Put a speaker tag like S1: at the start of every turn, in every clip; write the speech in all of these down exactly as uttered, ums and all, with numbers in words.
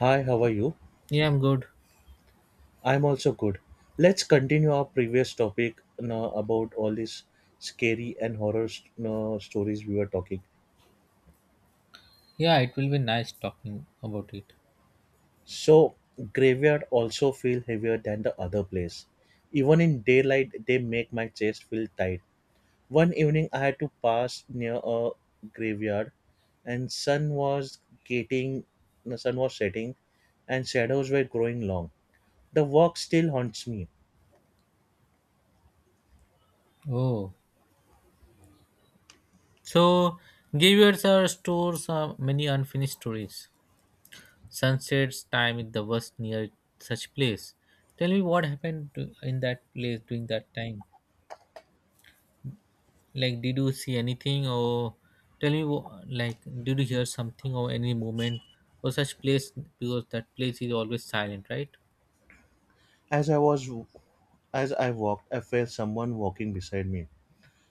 S1: Hi, how are you?
S2: Yeah, I'm good.
S1: I'm also good. Let's continue our previous topic, you know, about all these scary and horror st- you know, stories we were talking.
S2: Yeah, it will be nice talking about it.
S1: So, graveyard also feel heavier than the other place. Even in daylight, they make my chest feel tight. One evening, I had to pass near a graveyard, and sun was getting, the sun was setting, and shadows were growing long. The walk still haunts me.
S2: Oh, so give your stores uh, many unfinished stories. Sunset's time is the worst near such place. Tell me what happened to, in that place during that time. Like, did you see anything, or tell me, wh- like, did you hear something or any movement or such place? Because that place is always silent, right?
S1: As I was as I walked, I felt someone walking beside me.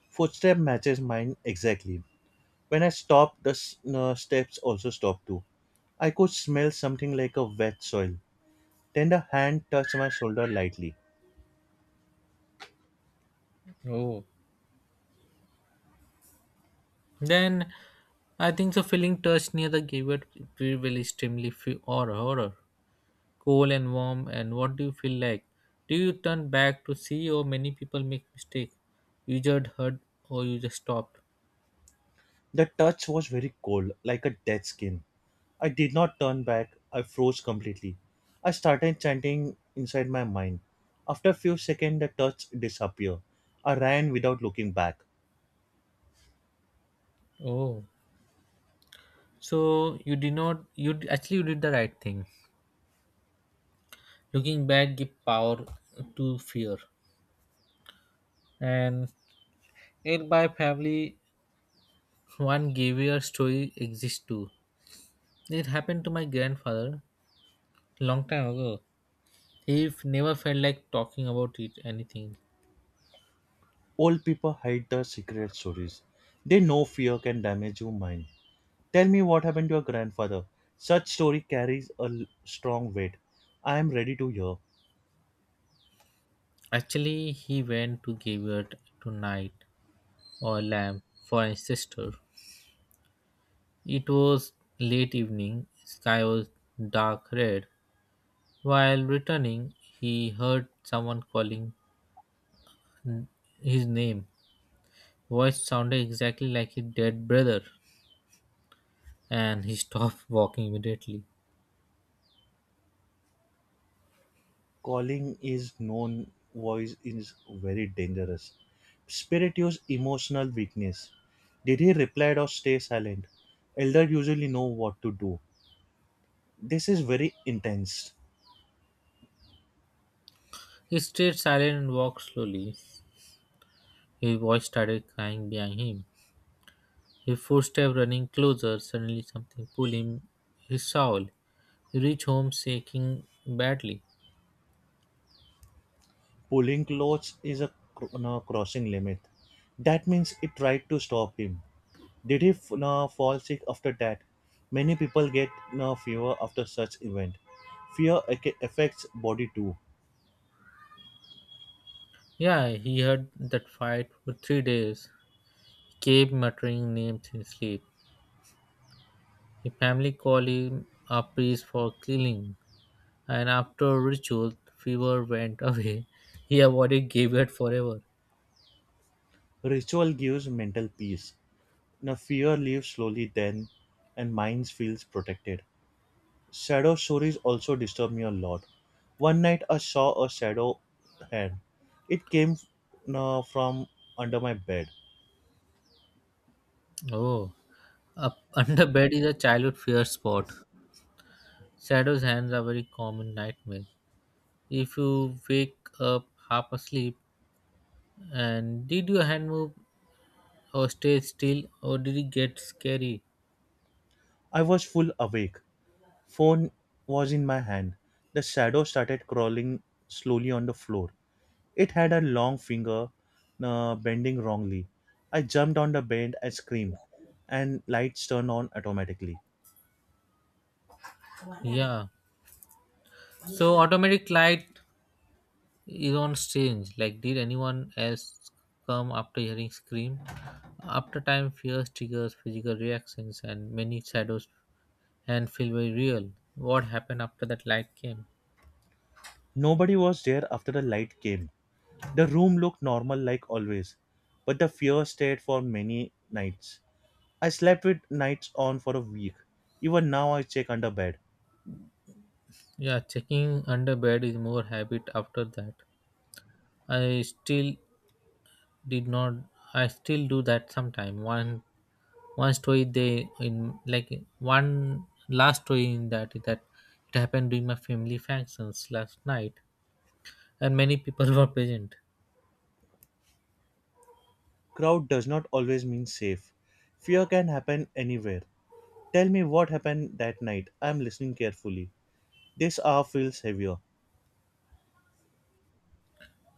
S1: Footstep matches mine exactly. When I stopped, the s- uh, steps also stopped too. I could smell something like a wet soil. Then the hand touched my shoulder lightly.
S2: Oh, then I think the feeling touched near the gibbet will extremely fe- or horror. Cold and warm, and what do you feel like? Do you turn back to see or many people make mistake? You just heard or you just stopped.
S1: The touch was very cold, like a dead skin. I did not turn back. I froze completely. I started chanting inside my mind. After a few seconds, the touch disappeared. I ran without looking back.
S2: Oh. So you did not you d- actually you did the right thing. Looking back give power to fear. And it by family one gave your story exists too. It happened to my grandfather long time ago. He f- never felt like talking about it anything.
S1: Old people hide their secret stories. They know fear can damage your mind. Tell me what happened to your grandfather. Such story carries a l- strong weight. I am ready to hear.
S2: Actually, he went to give Graveyard tonight or lamb for his sister. It was late evening, sky was dark red. While returning, he heard someone calling n- his name. Voice sounded exactly like his dead brother, and he stopped walking immediately.
S1: Calling is known voice is very dangerous. Spirit use emotional weakness. Did he reply or stay silent? Elder usually know what to do. This is very intense.
S2: He stayed silent and walked slowly. His voice started crying behind him. He forced step running closer, suddenly something pulls him his shawl. He reaches home shaking badly.
S1: Pulling clothes is a, cr- no, crossing limit. That means it tried to stop him. Did he f- no, fall sick after that? Many people get no, fever after such event. Fear ac- affects body too.
S2: Yeah, he heard that fight for three days. He kept muttering names in his sleep. His family called him a priest for killing, and after ritual, fever went away. He avoided graveyard forever.
S1: Ritual gives mental peace. Now fear leaves slowly then, and mind feels protected. Shadow stories also disturb me a lot. One night I saw a shadow hand. It came no, from under my bed.
S2: Oh, up under bed is a childhood fear spot. Shadows hands are very common nightmare. If you wake up half asleep, and did your hand move or stay still or did it get scary?
S1: I was full awake. Phone was in my hand. The shadow started crawling slowly on the floor. It had a long finger uh, bending wrongly. I jumped on the bend and screamed, and lights turned on automatically.
S2: Yeah. So automatic light is on strange. Like, did anyone else come after hearing scream? After time fears triggers physical reactions and many shadows and feel very real. What happened after that light came?
S1: Nobody was there after the light came. The room looked normal like always, but the fear stayed for many nights. I slept with nights on for a week. Even now I check under bed.
S2: Yeah, checking under bed is more habit after that. I still did not I still do that sometime. One one story they in like one last story in that is that it happened during my family functions last night and many people were present.
S1: Crowd does not always mean safe. Fear can happen anywhere. Tell me what happened that night. I am listening carefully. This hour feels heavier.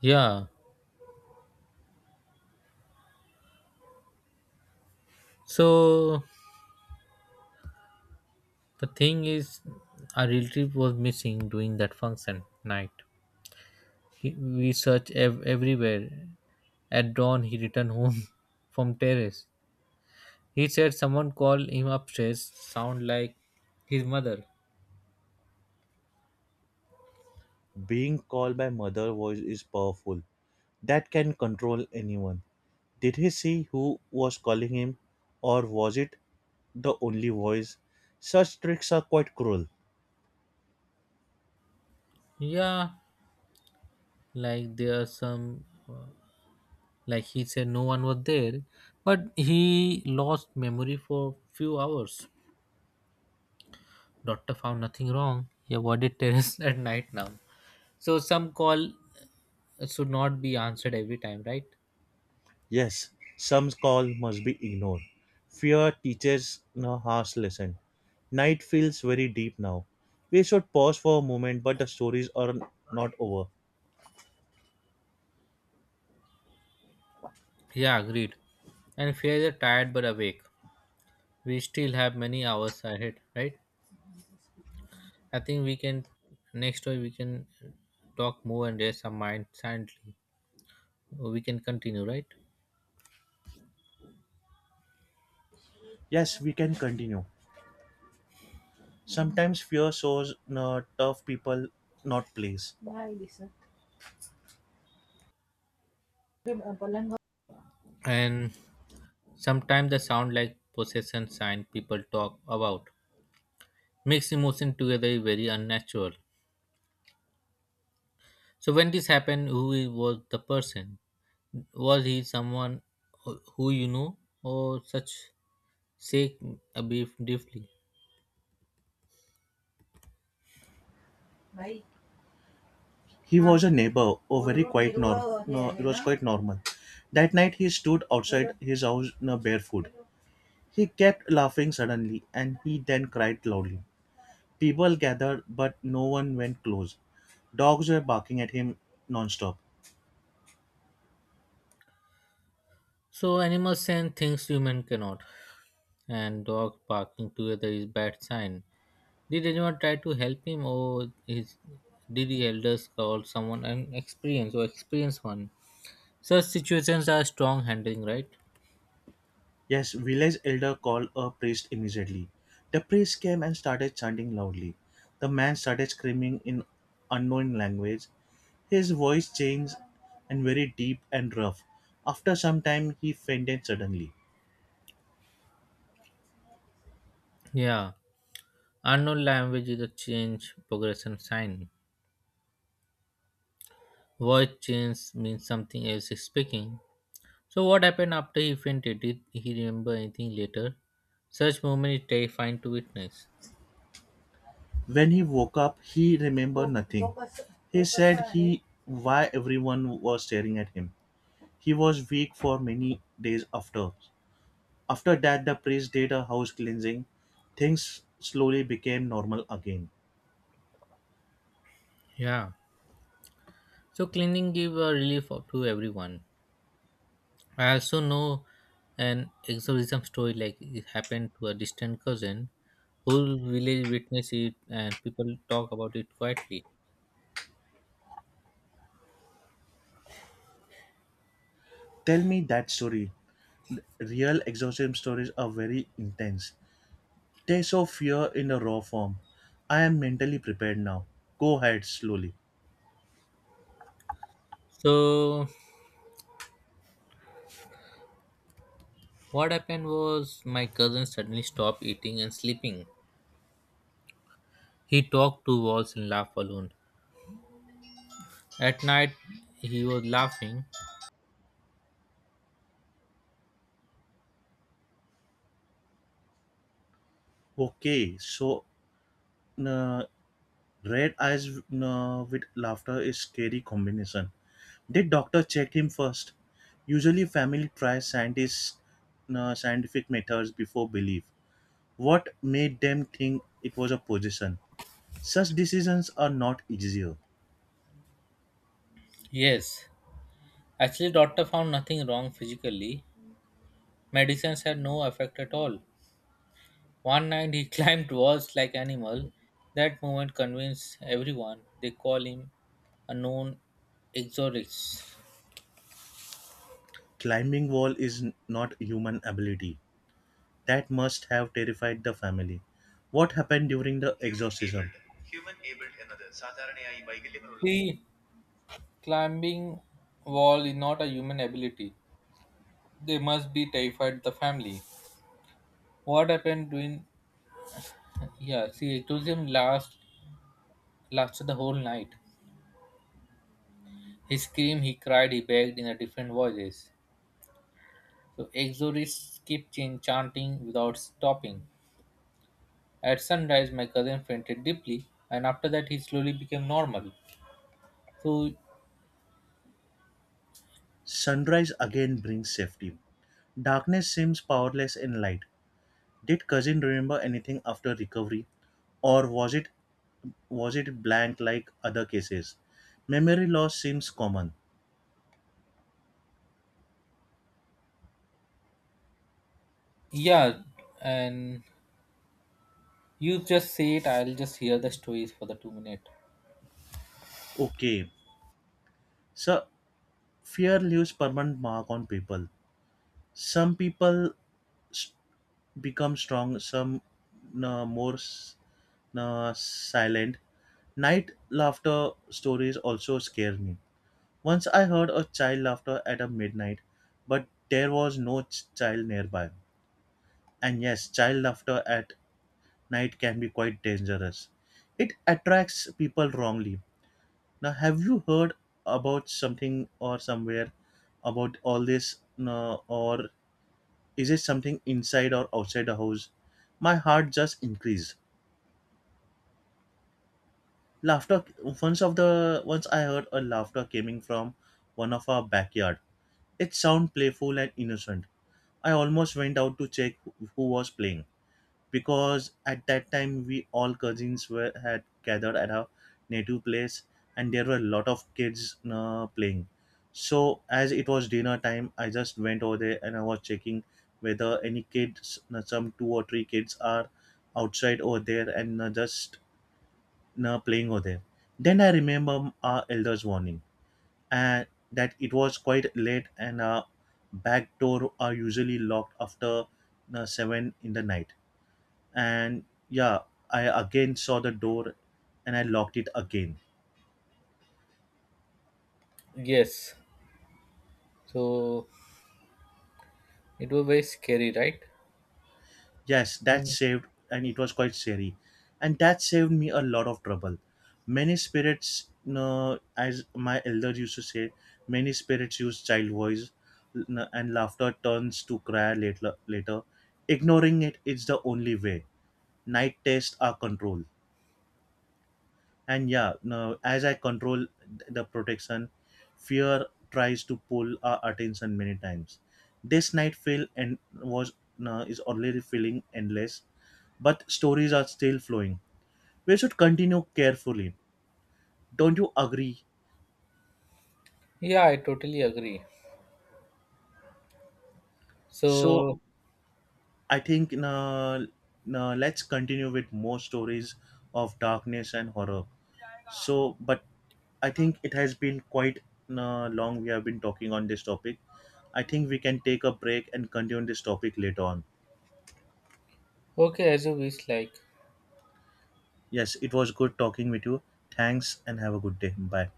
S2: Yeah, so the thing is our relative was missing during that function night. He, we searched ev- everywhere. At dawn he returned home from terrace. He said someone called him upstairs sound like his mother.
S1: Being called by mother voice is powerful. That can control anyone. Did he see who was calling him, or was it the only voice? Such tricks are quite cruel.
S2: Yeah, like there are some, like he said no one was there, but he lost memory for few hours. Doctor found nothing wrong. He avoided terrace at night now. So some call should not be answered every time, right?
S1: Yes, some call must be ignored. Fear teaches a harsh lesson. Night feels very deep now. We should pause for a moment, but the stories are not over.
S2: Yeah, agreed. And fear is tired but awake. We still have many hours ahead, right? I think we can next week we can talk more and rest our mind silently. We can continue, right?
S1: Yes, we can continue. Sometimes fear shows uh, tough people, not place. Nice.
S2: And sometimes the sound like possession sign people talk about makes emotion together is very unnatural. So when this happened, who i- was the person? Was he someone who who you know or such shake a beef deeply?
S1: He was a neighbor, oh, very quite normal. No, it was quite normal. That night he stood outside his house no, barefoot. He kept laughing suddenly, and he then cried loudly. People gathered, but no one went close. Dogs were barking at him nonstop.
S2: So animals sense things human cannot, and dog barking together is bad sign. Did anyone try to help him or his, did the elders call someone an experienced or experienced one? Such situations are strong handling, right?
S1: Yes, village elder called a priest immediately. The priest came and started chanting loudly. The man started screaming in unknown language. His voice changed and very deep and rough. After some time, he fainted suddenly.
S2: Yeah. Unknown language is a change progression sign. Voice change means something else is speaking. So what happened after he fainted? Did he remember anything later? Such moment is terrifying to witness.
S1: When he woke up, he remembered nothing. He said he why everyone was staring at him. He was weak for many days after. After that, the priest did a house cleansing. Things slowly became normal again.
S2: Yeah. So cleaning give a relief to everyone. I also know an exorcism story like it happened to a distant cousin. Whole village witnessed it and people talk about it quietly.
S1: Tell me that story. Real exorcism stories are very intense. They show fear in a raw form. I am mentally prepared now. Go ahead slowly.
S2: So what happened was my cousin suddenly stopped eating and sleeping. He talked to walls and laughed alone. At night, he was laughing.
S1: Okay, so uh, red eyes uh, with laughter is scary combination. Did doctor check him first? Usually, family tries scientists uh, scientific methods before belief. What made them think it was a possession? Such decisions are not easier.
S2: Yes, actually, doctor found nothing wrong physically. Medicines had no effect at all. One night he climbed walls like animal. That moment convinced everyone. They call him a known exorcist.
S1: Climbing wall is n- not human ability. That must have terrified the family. What happened during the exorcism?
S2: See, climbing wall is not a human ability. They must be terrified the family. What happened during? Yeah, see, exorcism last lasted the whole night. He screamed, he cried, he begged in a different voices. So Exorcists kept chan- chanting without stopping. At sunrise, my cousin fainted deeply, and after that, he slowly became normal. So
S1: Sunrise again brings safety. Darkness seems powerless in light. Did cousin remember anything after recovery, or was it was it blank like other cases? Memory loss seems common.
S2: yeah, and you just say it. I'll just hear the stories for the two minute.
S1: Okay, so fear leaves permanent mark on people. Some people s- become strong, some uh, more s- uh, silent. Night laughter stories also scare me. Once I heard a child laughter at a midnight, but there was no ch- child nearby. And yes, child laughter at night can be quite dangerous. It attracts people wrongly. Now, have you heard about something or somewhere about all this, uh, or is it something inside or outside the house? My heart just increased. Laughter once of the once I heard a laughter coming from one of our backyard. It sounded playful and innocent. I almost went out to check who who was playing, because at that time we all cousins were had gathered at our native place, and there were a lot of kids uh, playing. So as it was dinner time, I just went over there and I was checking whether any kids, uh, some two or three kids are outside over there and uh, just uh, playing over there. Then I remember our elders' warning, and that it was quite late, and our back door are usually locked after uh, seven in the night. And yeah, I again saw the door, and I locked it again.
S2: Yes. So it was very scary, right?
S1: Yes, that
S2: Mm.
S1: saved, and it was quite scary, and that saved me a lot of trouble. Many spirits, you know, as my elders used to say, many spirits use child voice, you know, and laughter turns to cry later. Later, Ignoring it is the only way. Night tests are control. And yeah, now as I control th- the protection, fear tries to pull our attention many times. This night feel and was Now is already feeling endless, but stories are still flowing. We should continue carefully, don't you agree?
S2: Yeah, I totally agree.
S1: So
S2: So
S1: I think now now let's continue with more stories of darkness and horror. So, but I think it has been quite uh, long we have been talking on this topic. I think we can take a break and continue this topic later on.
S2: okay, as you wish, like.
S1: Yes, it was good talking with you. Thanks and have a good day. Bye.